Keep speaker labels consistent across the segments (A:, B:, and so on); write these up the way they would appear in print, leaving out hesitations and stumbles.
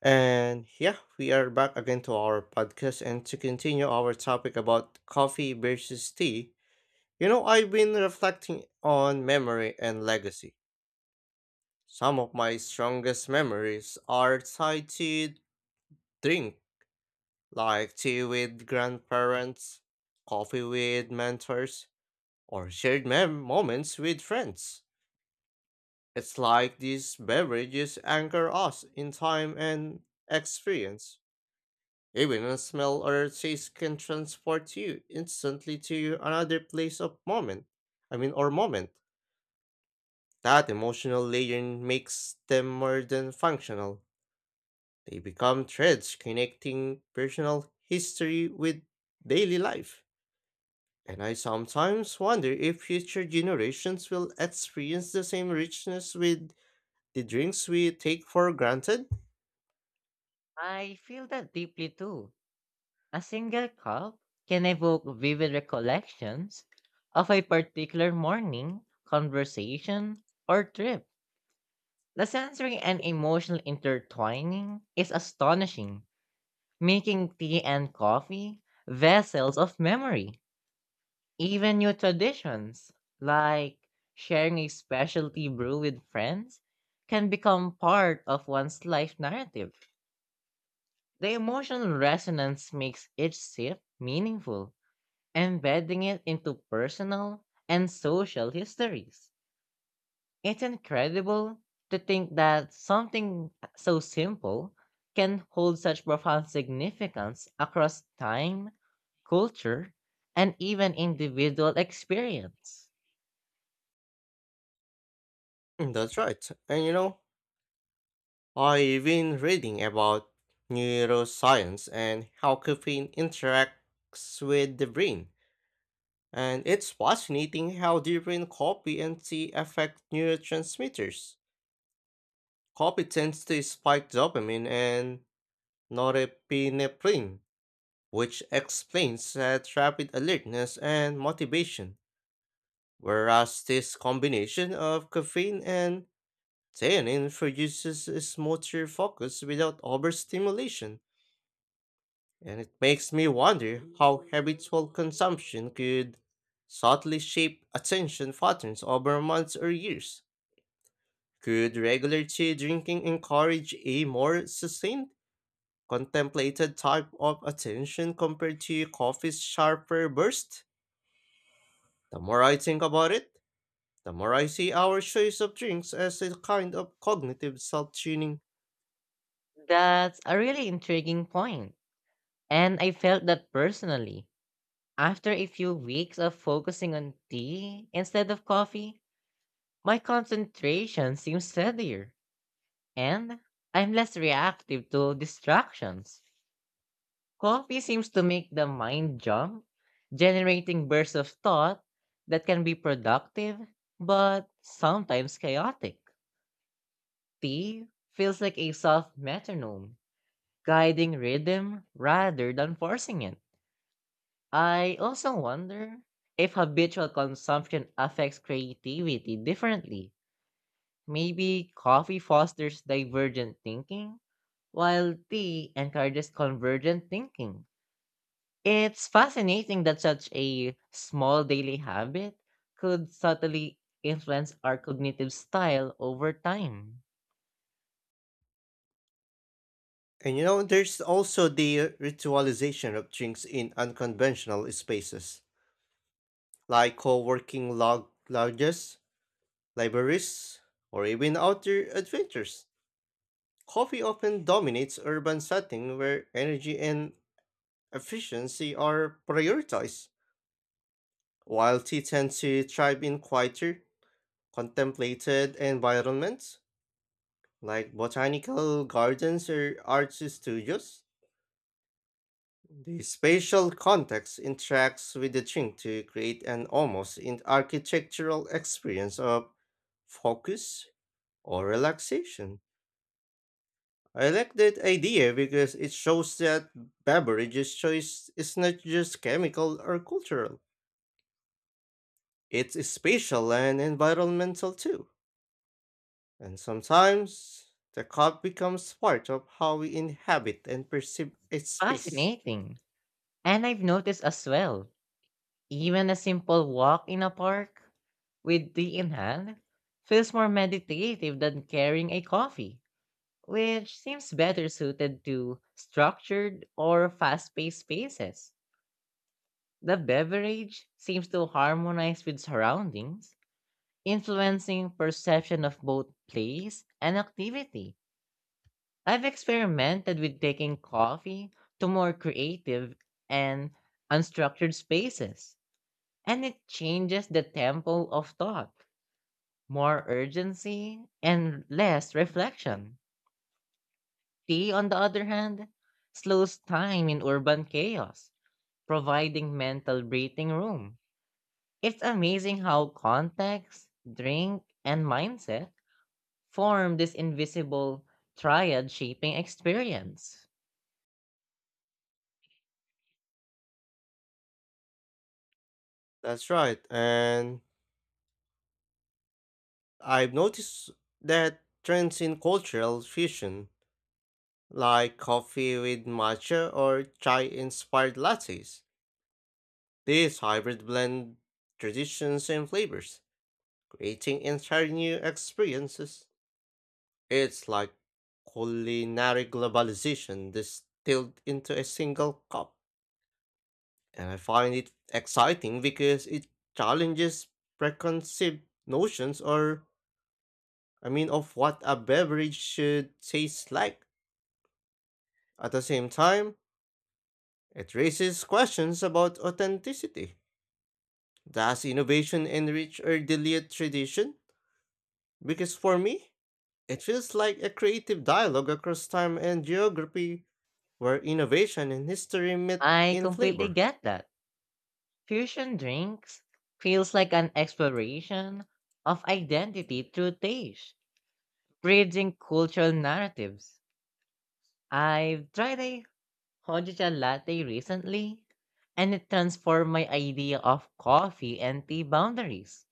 A: And yeah, we are back again to our podcast and to continue our topic about coffee versus tea. You know, I've been reflecting on memory and legacy. Some of my strongest memories are tied to drink, like tea with grandparents, coffee with mentors, or shared moments with friends. It's like these beverages anchor us in time and experience. Even a smell or a taste can transport you instantly to another place of moment. I mean, or moment. That emotional layering makes them more than functional. They become threads connecting personal history with daily life. And I sometimes wonder if future generations will experience the same richness with the drinks we take for granted.
B: I feel that deeply too. A single cup can evoke vivid recollections of a particular morning, conversation, or trip. The sensory and emotional intertwining is astonishing, making tea and coffee vessels of memory. Even new traditions, like sharing a specialty brew with friends, can become part of one's life narrative. The emotional resonance makes each shift meaningful, embedding it into personal and social histories. It's incredible to think that something so simple can hold such profound significance across time, culture, and even individual experience.
A: Mm, that's right. And you know, I've been reading about neuroscience and how caffeine interacts with the brain, and it's fascinating how different brain and tea affect neurotransmitters. Coffee tends to spike dopamine and norepinephrine, which explains that rapid alertness and motivation, whereas this combination of caffeine and theanine produces a smoother focus without overstimulation. And it makes me wonder how habitual consumption could subtly shape attention patterns over months or years. Could regular tea drinking encourage a more sustained, contemplated type of attention compared to coffee's sharper burst? The more I think about it, the more I see our choice of drinks as a kind of cognitive self tuning.
B: That's a really intriguing point, and I felt that personally. After a few weeks of focusing on tea instead of coffee, my concentration seems steadier, and I'm less reactive to distractions. Coffee seems to make the mind jump, generating bursts of thought that can be productive but sometimes chaotic. Tea feels like a soft metronome, guiding rhythm rather than forcing it. I also wonder if habitual consumption affects creativity differently. Maybe coffee fosters divergent thinking, while tea encourages convergent thinking. It's fascinating that such a small daily habit could subtly influence our cognitive style over time.
A: And you know, there's also the ritualization of drinks in unconventional spaces, like co-working log lodges, libraries, or even outdoor adventures. Coffee often dominates urban settings where energy and efficiency are prioritized, while tea tends to thrive in quieter, contemplated environments like botanical gardens or art studios. The spatial context interacts with the drink to create an almost in architectural experience of focus or relaxation. I like that idea because it shows that beverages choice is not just chemical or cultural. It's spatial and environmental too. And sometimes the cup becomes part of how we inhabit and perceive a space.
B: Fascinating. And I've noticed as well, even a simple walk in a park with tea in hand feels more meditative than carrying a coffee, which seems better suited to structured or fast paced spaces. The beverage seems to harmonize with surroundings, influencing perception of both place and activity. I've experimented with taking coffee to more creative and unstructured spaces, and it changes the tempo of thought, more urgency and less reflection. Tea, on the other hand, slows time in urban chaos, providing mental breathing room. It's amazing how context, drink, and mindset form this invisible triad shaping experience.
A: That's right. And I've noticed that trends in cultural fusion, like coffee with matcha or chai inspired lattes, these hybrids blend traditions and flavors, creating entirely new experiences. It's like culinary globalization distilled into a single cup. And I find it exciting because it challenges preconceived notions or, I mean, of what a beverage should taste like. At the same time, it raises questions about authenticity. Does innovation enrich or dilute tradition? Because for me, it feels like a creative dialogue across time and geography where innovation and history meet
B: I
A: in
B: completely
A: flavor.
B: get that. Fusion drinks feels like an exploration of identity through taste, bridging cultural narratives. I've tried a Hojicha latte recently, and it transformed my idea of coffee and tea boundaries.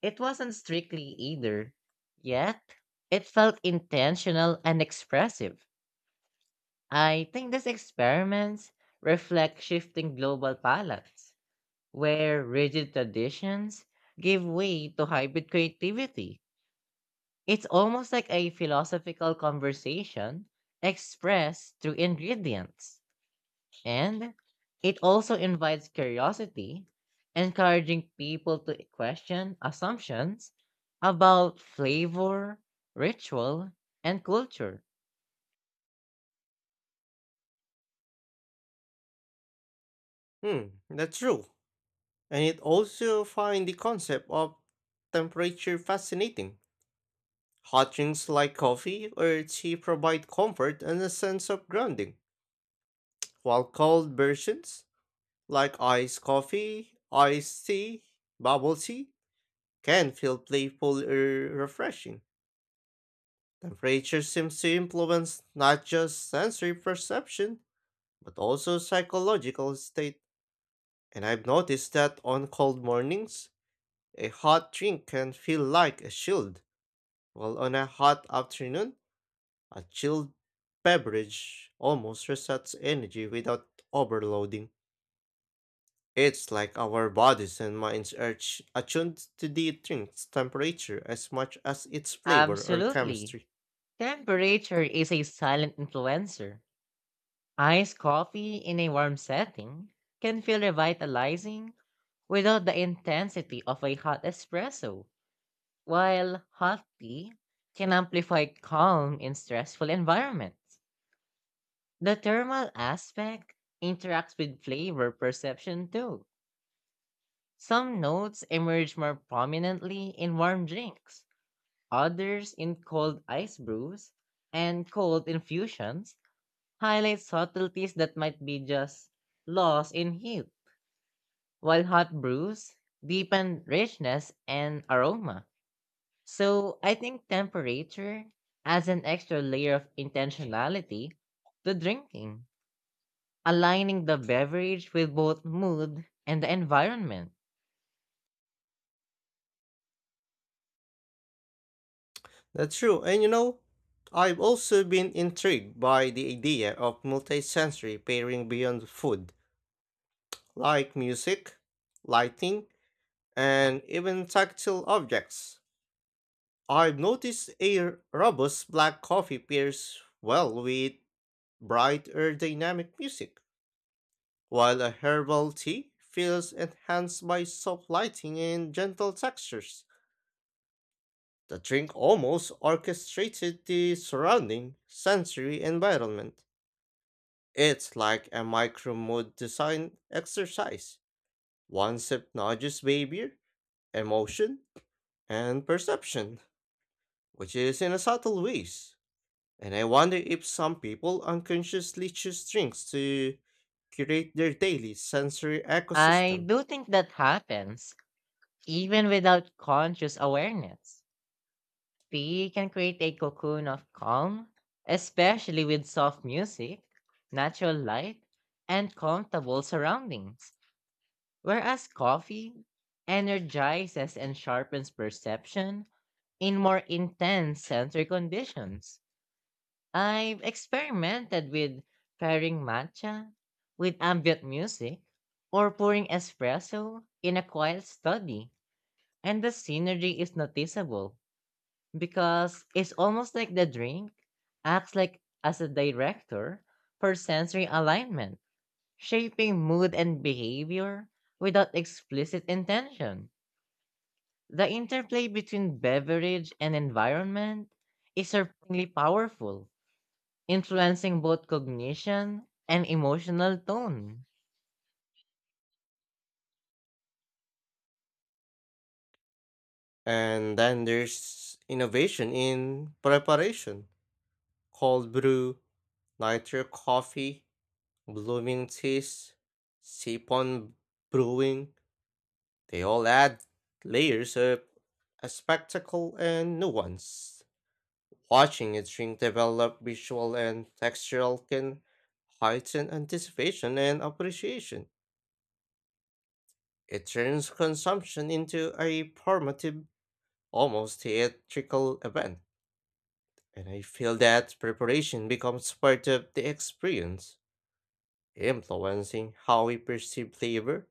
B: It wasn't strictly either, yet it felt intentional and expressive. I think these experiments reflect shifting global palates, where rigid traditions give way to hybrid creativity. It's almost like a philosophical conversation expressed through ingredients. And it also invites curiosity, encouraging people to question assumptions about flavor, ritual, and culture.
A: Hmm, that's true. And it also find the concept of temperature fascinating. Hot drinks like coffee or tea provide comfort and a sense of grounding, while cold versions like iced coffee, iced tea, bubble tea can feel playful or refreshing. Temperature seems to influence not just sensory perception, but also psychological state. And I've noticed that on cold mornings, a hot drink can feel like a shield, while on a hot afternoon, a chilled beverage almost resets energy without overloading. It's like our bodies and minds are attuned to the drink's temperature as much as its flavor or
B: Absolutely.
A: chemistry.
B: Temperature is a silent influencer. Iced coffee in a warm setting can feel revitalizing without the intensity of a hot espresso, while hot tea can amplify calm in stressful environments. The thermal aspect interacts with flavor perception too. Some notes emerge more prominently in warm drinks, others in cold ice brews, and cold infusions highlight subtleties that might be just lost in heat, while hot brews deepen richness and aroma. So I think temperature adds an extra layer of intentionality to drinking, aligning the beverage with both mood and the environment.
A: That's true, and you know, I've also been intrigued by the idea of multisensory pairing beyond food, like music, lighting, and even tactile objects. I've noticed a robust black coffee pairs well with bright or dynamic music, while a herbal tea feels enhanced by soft lighting and gentle textures. The drink almost orchestrated the surrounding sensory environment. It's like a micro mood design exercise. One sip nudges behavior, emotion, and perception, which is in a subtle ways. And I wonder if some people unconsciously choose drinks to curate their daily sensory
B: I
A: ecosystem.
B: do think that happens even without conscious awareness. Tea can create a cocoon of calm, especially with soft music, natural light, and comfortable surroundings. Whereas coffee energizes and sharpens perception in more intense sensory conditions. I've experimented with pairing matcha with ambient music or pouring espresso in a quiet study, and the synergy is noticeable because it's almost like the drink acts like as a director for sensory alignment, shaping mood and behavior without explicit intention. The interplay between beverage and environment is surprisingly powerful, influencing both cognition and emotional tone.
A: And then there's innovation in preparation: cold brew, nitro coffee, blooming teas, sipon brewing. They all add layers of a spectacle and nuance. Watching a drink develop visual and textural can heighten anticipation and appreciation. It turns consumption into a formative, almost theatrical event, and I feel that preparation becomes part of the experience, influencing how we perceive flavor,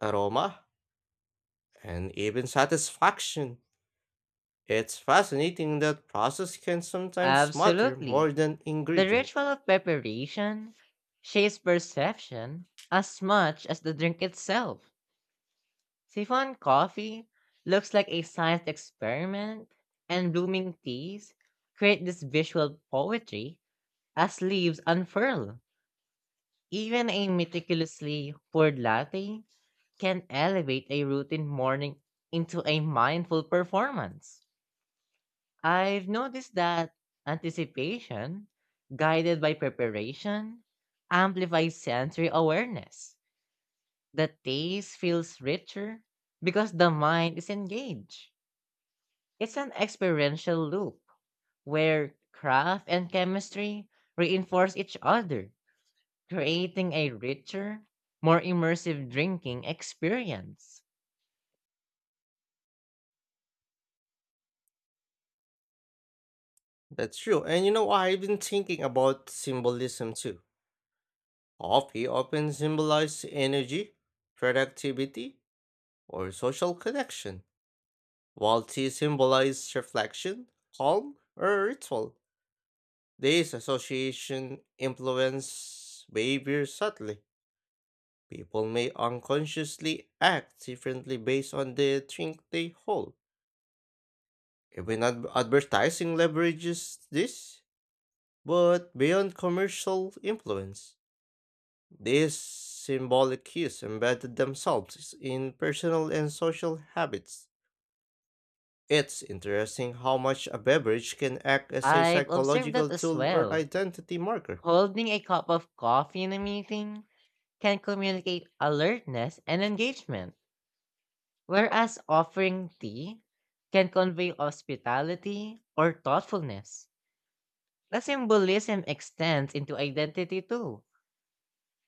A: aroma, and even satisfaction. It's fascinating that process can sometimes matter more
B: Absolutely.
A: than
B: The
A: ingredient.
B: ritual of preparation shapes perception as much as the drink itself. Siphon coffee looks like a science experiment, and blooming teas create this visual poetry as leaves unfurl. Even a meticulously poured latte can elevate a routine morning into a mindful performance. I've noticed that anticipation, guided by preparation, amplifies sensory awareness. The taste feels richer because the mind is engaged. It's an experiential loop where craft and chemistry reinforce each other, creating a richer, more immersive drinking experience.
A: That's true. And you know, I've been thinking about symbolism too. Coffee often symbolizes energy, productivity, or social connection, while tea symbolizes reflection, calm, or ritual. These association influence behavior subtly. People may unconsciously act differently based on the drink they hold. Even advertising leverages this, but beyond commercial influence, these symbolic cues embedded themselves in personal and social habits. It's interesting how much a beverage can act as a
B: I've observed that
A: psychological
B: as
A: tool or
B: well.
A: identity marker.
B: Holding a cup of coffee in a meeting can communicate alertness and engagement, whereas offering tea can convey hospitality or thoughtfulness. The symbolism extends into identity too.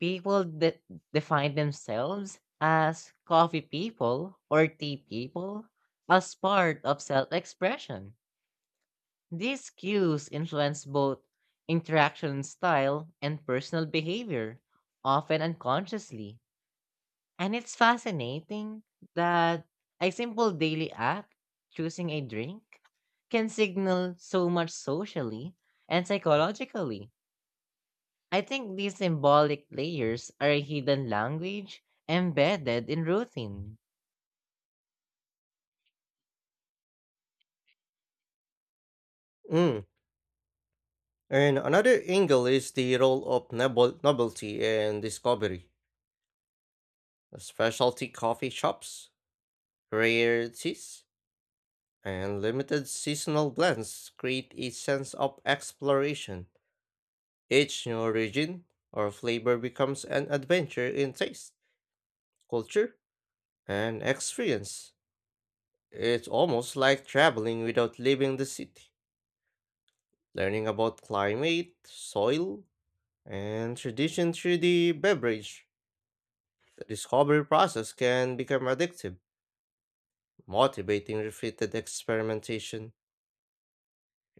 B: People de- define themselves as coffee people or tea people as part of self expression. These cues influence both interaction style and personal behavior, often unconsciously. And it's fascinating that a simple daily act, choosing a drink, can signal so much socially and psychologically. I think these symbolic layers are a hidden language embedded in routine.
A: Mm. And another angle is the role of novelty and discovery. Specialty coffee shops, rarities, and limited seasonal blends create a sense of exploration. Each new origin or flavor becomes an adventure in taste, culture, and experience. It's almost like traveling without leaving the city, learning about climate, soil, and tradition through the beverage. The discovery process can become addictive, motivating repeated experimentation.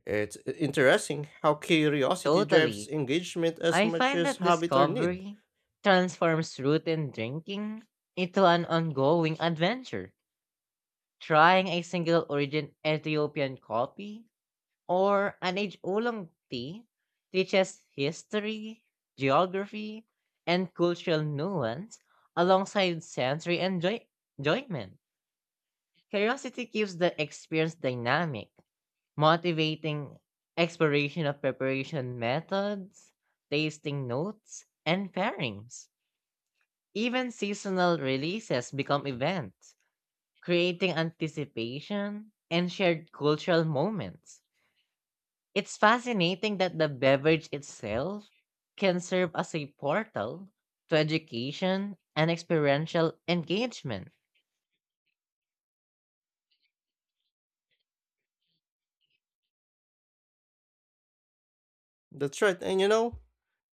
A: It's interesting how curiosity drives
B: Totally.
A: engagement as
B: I
A: much
B: find
A: as
B: that
A: habit or need.
B: discovery transforms routine drinking into an ongoing adventure. Trying a single origin Ethiopian coffee or an age-oolong tea teaches history, geography, and cultural nuance alongside enjoyment. Curiosity keeps the experience dynamic, motivating exploration of preparation methods, tasting notes, and pairings. Even seasonal releases become events, creating anticipation and shared cultural moments. It's fascinating that the beverage itself can serve as a portal to education and experiential engagement.
A: That's right, and you know,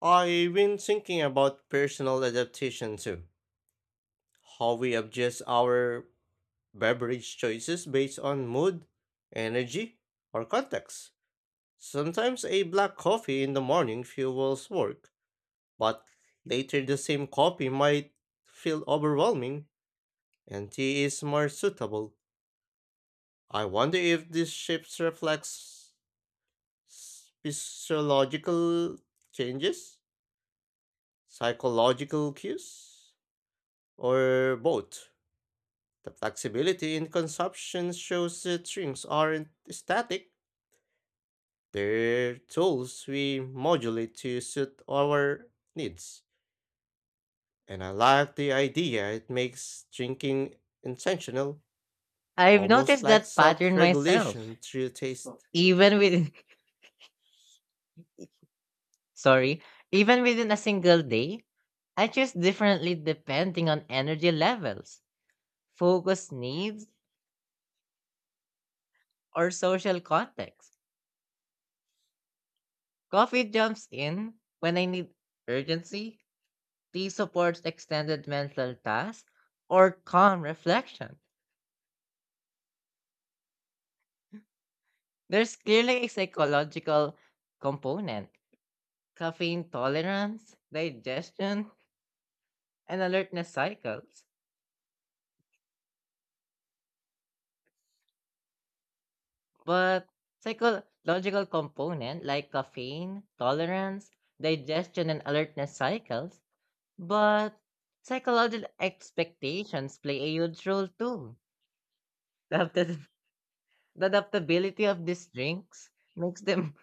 A: I've been thinking about personal adaptation too, how we adjust our beverage choices based on mood, energy, or context. Sometimes a black coffee in the morning fuels work, but later the same coffee might feel overwhelming and tea is more suitable. I wonder if this shifts reflects physiological changes, psychological cues, or both. The flexibility in consumption shows that drinks aren't static, they're tools we modulate to suit our needs. And I like the idea it makes drinking intentional,
B: I've
A: almost
B: noticed
A: like
B: that
A: self
B: pattern myself.
A: regulation through taste.
B: Even within sorry, even within a single day, I choose differently depending on energy levels, focus needs, or social context. Coffee jumps in when I need urgency. Tea supports extended mental tasks or calm reflection. There's clearly a psychological component, caffeine tolerance, digestion, and alertness cycles. But psychological component like caffeine, tolerance, digestion, and alertness cycles, but psychological expectations play a huge role too. The adapta- the adaptability of these drinks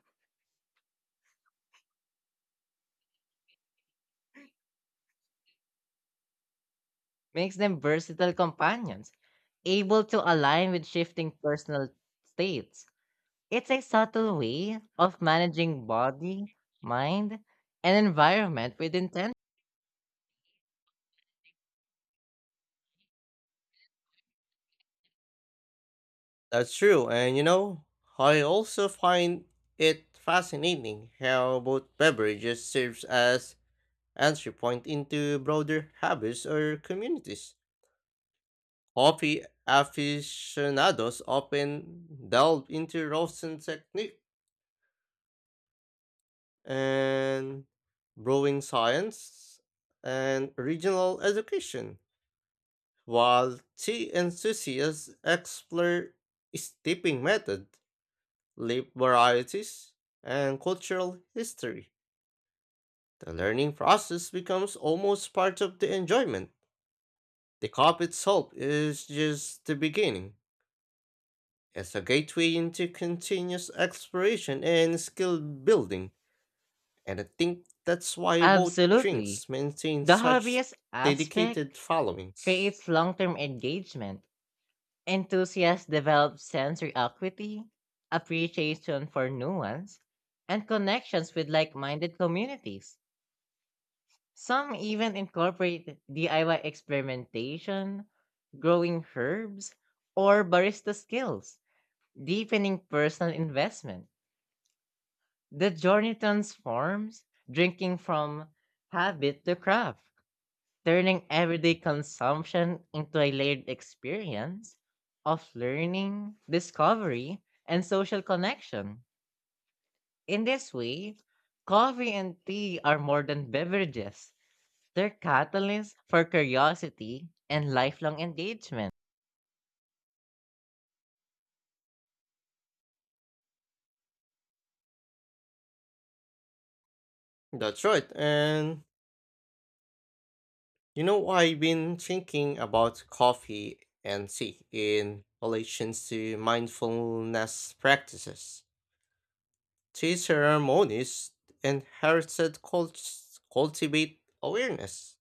B: makes them versatile companions able to align with shifting personal states. It's a subtle way of managing body, mind, and environment with intent.
A: That's true, and you know, I also find it fascinating how both beverages serves as entry point into broader habits or communities. Coffee aficionados often delve into roasting technique and brewing science and regional education, while tea enthusiasts explore steeping method, leaf varieties, and cultural history. The learning process becomes almost part of the enjoyment. The cup itself is just the beginning. It's a gateway into continuous exploration and skill building, and I think that's why both drinks
B: Absolutely.
A: maintain
B: The
A: such
B: hobbyist
A: dedicated
B: aspect
A: followings.
B: creates long term engagement. Enthusiasts develop sensory acuity, appreciation for nuance, and connections with like minded communities. Some even incorporate DIY experimentation, growing herbs, or barista skills, deepening personal investment. The journey transforms drinking from habit to craft, turning everyday consumption into a layered experience of learning, discovery, and social connection. In this way, coffee and tea are more than beverages. They're catalysts for curiosity and lifelong engagement.
A: That's right, and you know, I've been thinking about coffee and tea in relation to mindfulness practices. Tea ceremonies inherited cultivate awareness.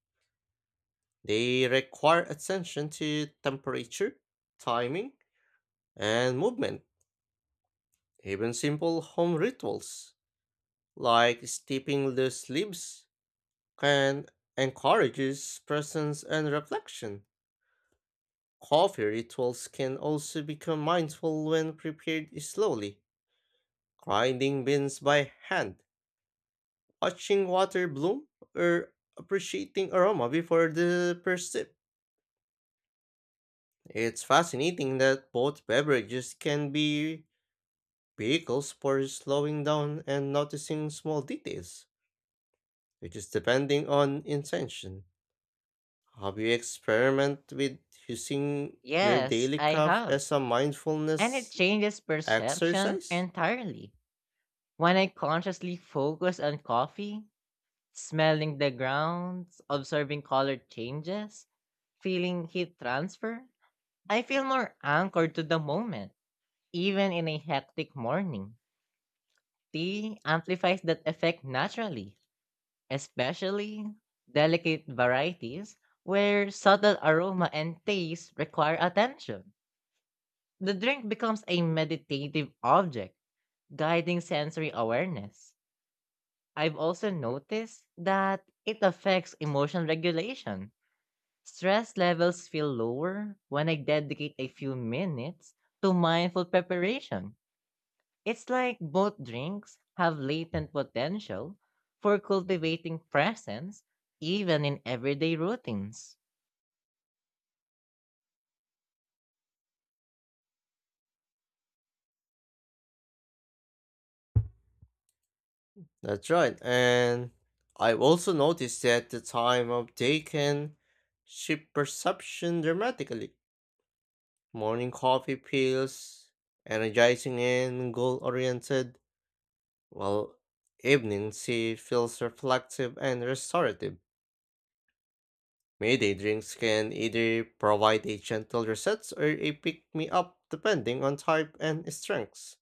A: They require attention to temperature, timing, and movement. Even simple home rituals like steeping loose leaves can encourage presence and reflection. Coffee rituals can also become mindful when prepared slowly, grinding beans by hand, watching water bloom, or appreciating aroma before the first sip. It's fascinating that both beverages can be vehicles for slowing down and noticing small details, which is depending on intention. Have you experiment with using your
B: Yes,
A: daily
B: I
A: cup
B: have.
A: as a
B: And it
A: mindfulness
B: changes perception
A: exercise?
B: entirely. When I consciously focus on coffee, smelling the grounds, observing color changes, feeling heat transfer, I feel more anchored to the moment, even in a hectic morning. Tea amplifies that effect naturally, especially delicate varieties where subtle aroma and taste require attention. The drink becomes a meditative object, guiding sensory awareness. I've also noticed that it affects emotional regulation. Stress levels feel lower when I dedicate a few minutes to mindful preparation. It's like both drinks have latent potential for cultivating presence even in everyday routines.
A: That's right, and I've also noticed that the time of day can shift perception dramatically. Morning coffee feels energizing and goal oriented, while evening tea feels reflective and restorative. Midday drinks can either provide a gentle reset or a pick me up depending on type and strengths.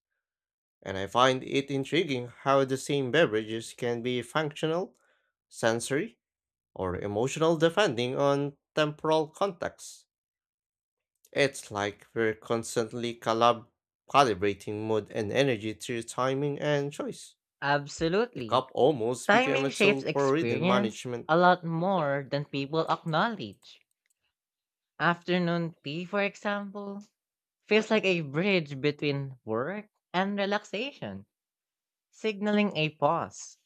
A: And I find it intriguing how the same beverages can be functional, sensory, or emotional depending on temporal context. It's like we're constantly calibrating mood and energy through timing and choice. The
B: Absolutely.
A: cup almost became
B: Timing
A: a
B: shapes
A: tool for rhythm
B: experience
A: management.
B: a lot more than people acknowledge. Afternoon tea, for example, feels like a bridge between work and relaxation, signaling a pause.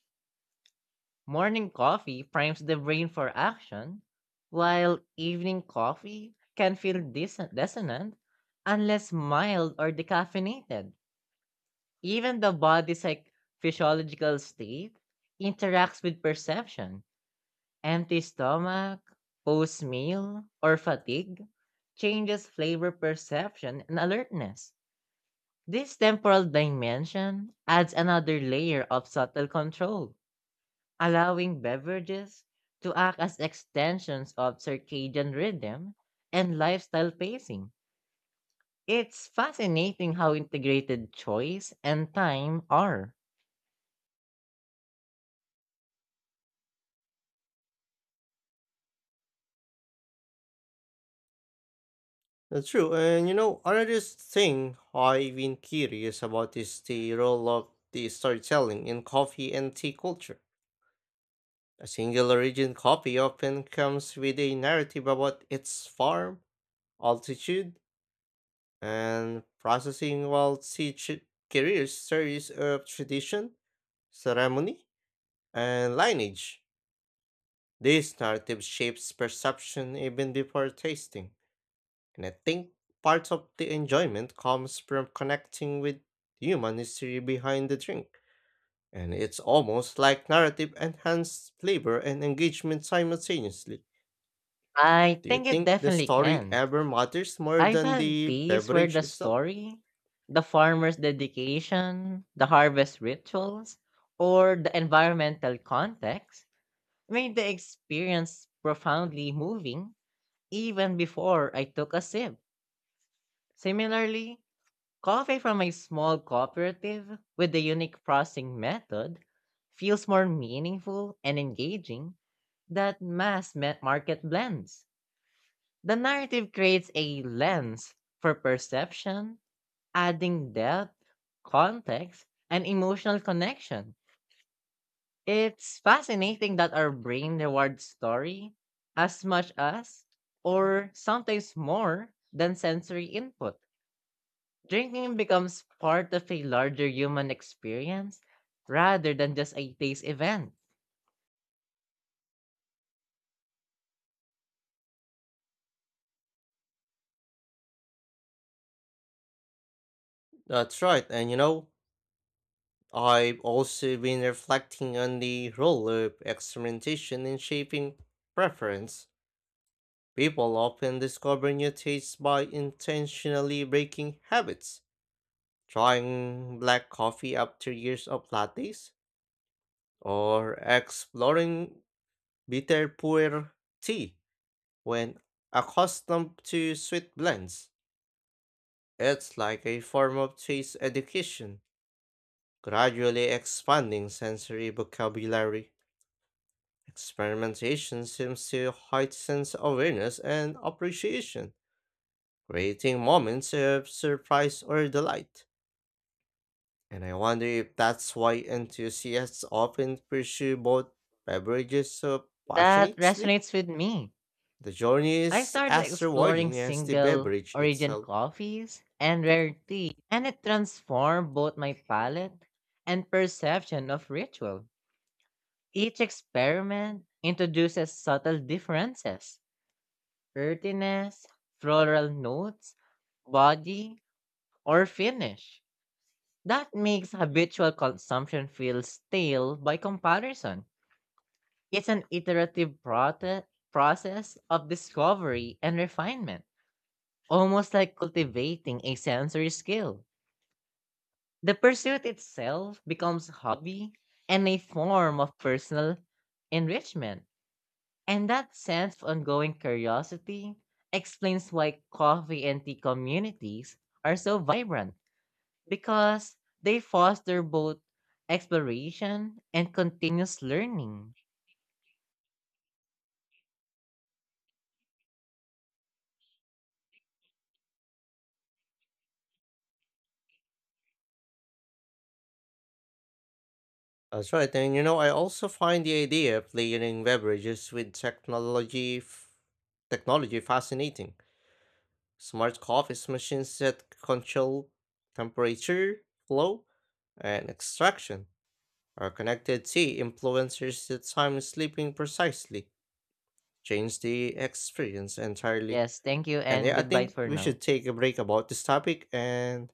B: Morning coffee primes the brain for action, while evening coffee can feel dissonant unless mild or decaffeinated. Even the body's like physiological state interacts with perception. Empty stomach, post meal, or fatigue changes flavor perception and alertness. This temporal dimension adds another layer of subtle control, allowing beverages to act as extensions of circadian rhythm and lifestyle pacing. It's fascinating how integrated choice and time are.
A: That's true, and you know, another thing I've been curious about is the role of the storytelling in coffee and tea culture. A single origin coffee often comes with a narrative about its farm, altitude, and processing will teach it careers stories of tradition, ceremony, and lineage. These narrative shapes perception even before tasting, and I think part of the enjoyment comes from connecting with human history behind the drink. And it's almost like narrative enhanced flavor and engagement simultaneously.
B: I
A: Do you
B: think it
A: think the
B: definitely
A: story
B: can.
A: ever matters more
B: I've
A: than
B: had
A: the
B: days where
A: beverage
B: the
A: itself?
B: story, the farmer's dedication, the harvest rituals, or the environmental context made the experience profoundly moving even before I took a sip. Similarly, coffee from a small cooperative with the unique processing method feels more meaningful and engaging than market blends. The narrative creates a lens for perception, adding depth, context, and emotional connection. It's fascinating that our brain rewards story as much as, or sometimes more, than sensory input. Drinking becomes part of a larger human experience rather than just a taste event.
A: That's right, and you know, I've also been reflecting on the role of experimentation in shaping preference. People often discover new tastes by intentionally breaking habits, trying black coffee after years of lattes, or exploring bitter pu'er tea when accustomed to sweet blends. It's like a form of taste education, gradually expanding sensory vocabulary. Experimentation seems to heighten awareness and appreciation, creating moments of surprise or delight. And I wonder if that's why enthusiasts often pursue both beverages so
B: That
A: passionately.
B: resonates with me.
A: The journey
B: I
A: is
B: started
A: as
B: exploring
A: rewarding as the
B: single
A: beverage
B: origin
A: itself.
B: coffees and rare tea, and it transformed both my palate and perception of ritual. Each experiment introduces subtle differences, earthiness, floral notes, body, or finish, that makes habitual consumption feel stale by comparison. It's an process of discovery and refinement, almost like cultivating a sensory skill. The pursuit itself becomes hobby and a form of personal enrichment. And that sense of ongoing curiosity explains why coffee and tea communities are so vibrant, because they foster both exploration and continuous learning.
A: That's right. And you know, I also find the idea of layering beverages with technology technology fascinating. Smart coffee machines that control temperature, flow, and extraction, or connected tea influencers that time sleeping precisely, change the experience entirely.
B: Yes, thank you
A: And
B: and
A: yeah, I
B: goodbye
A: think
B: for
A: we
B: now.
A: should take a break about this topic and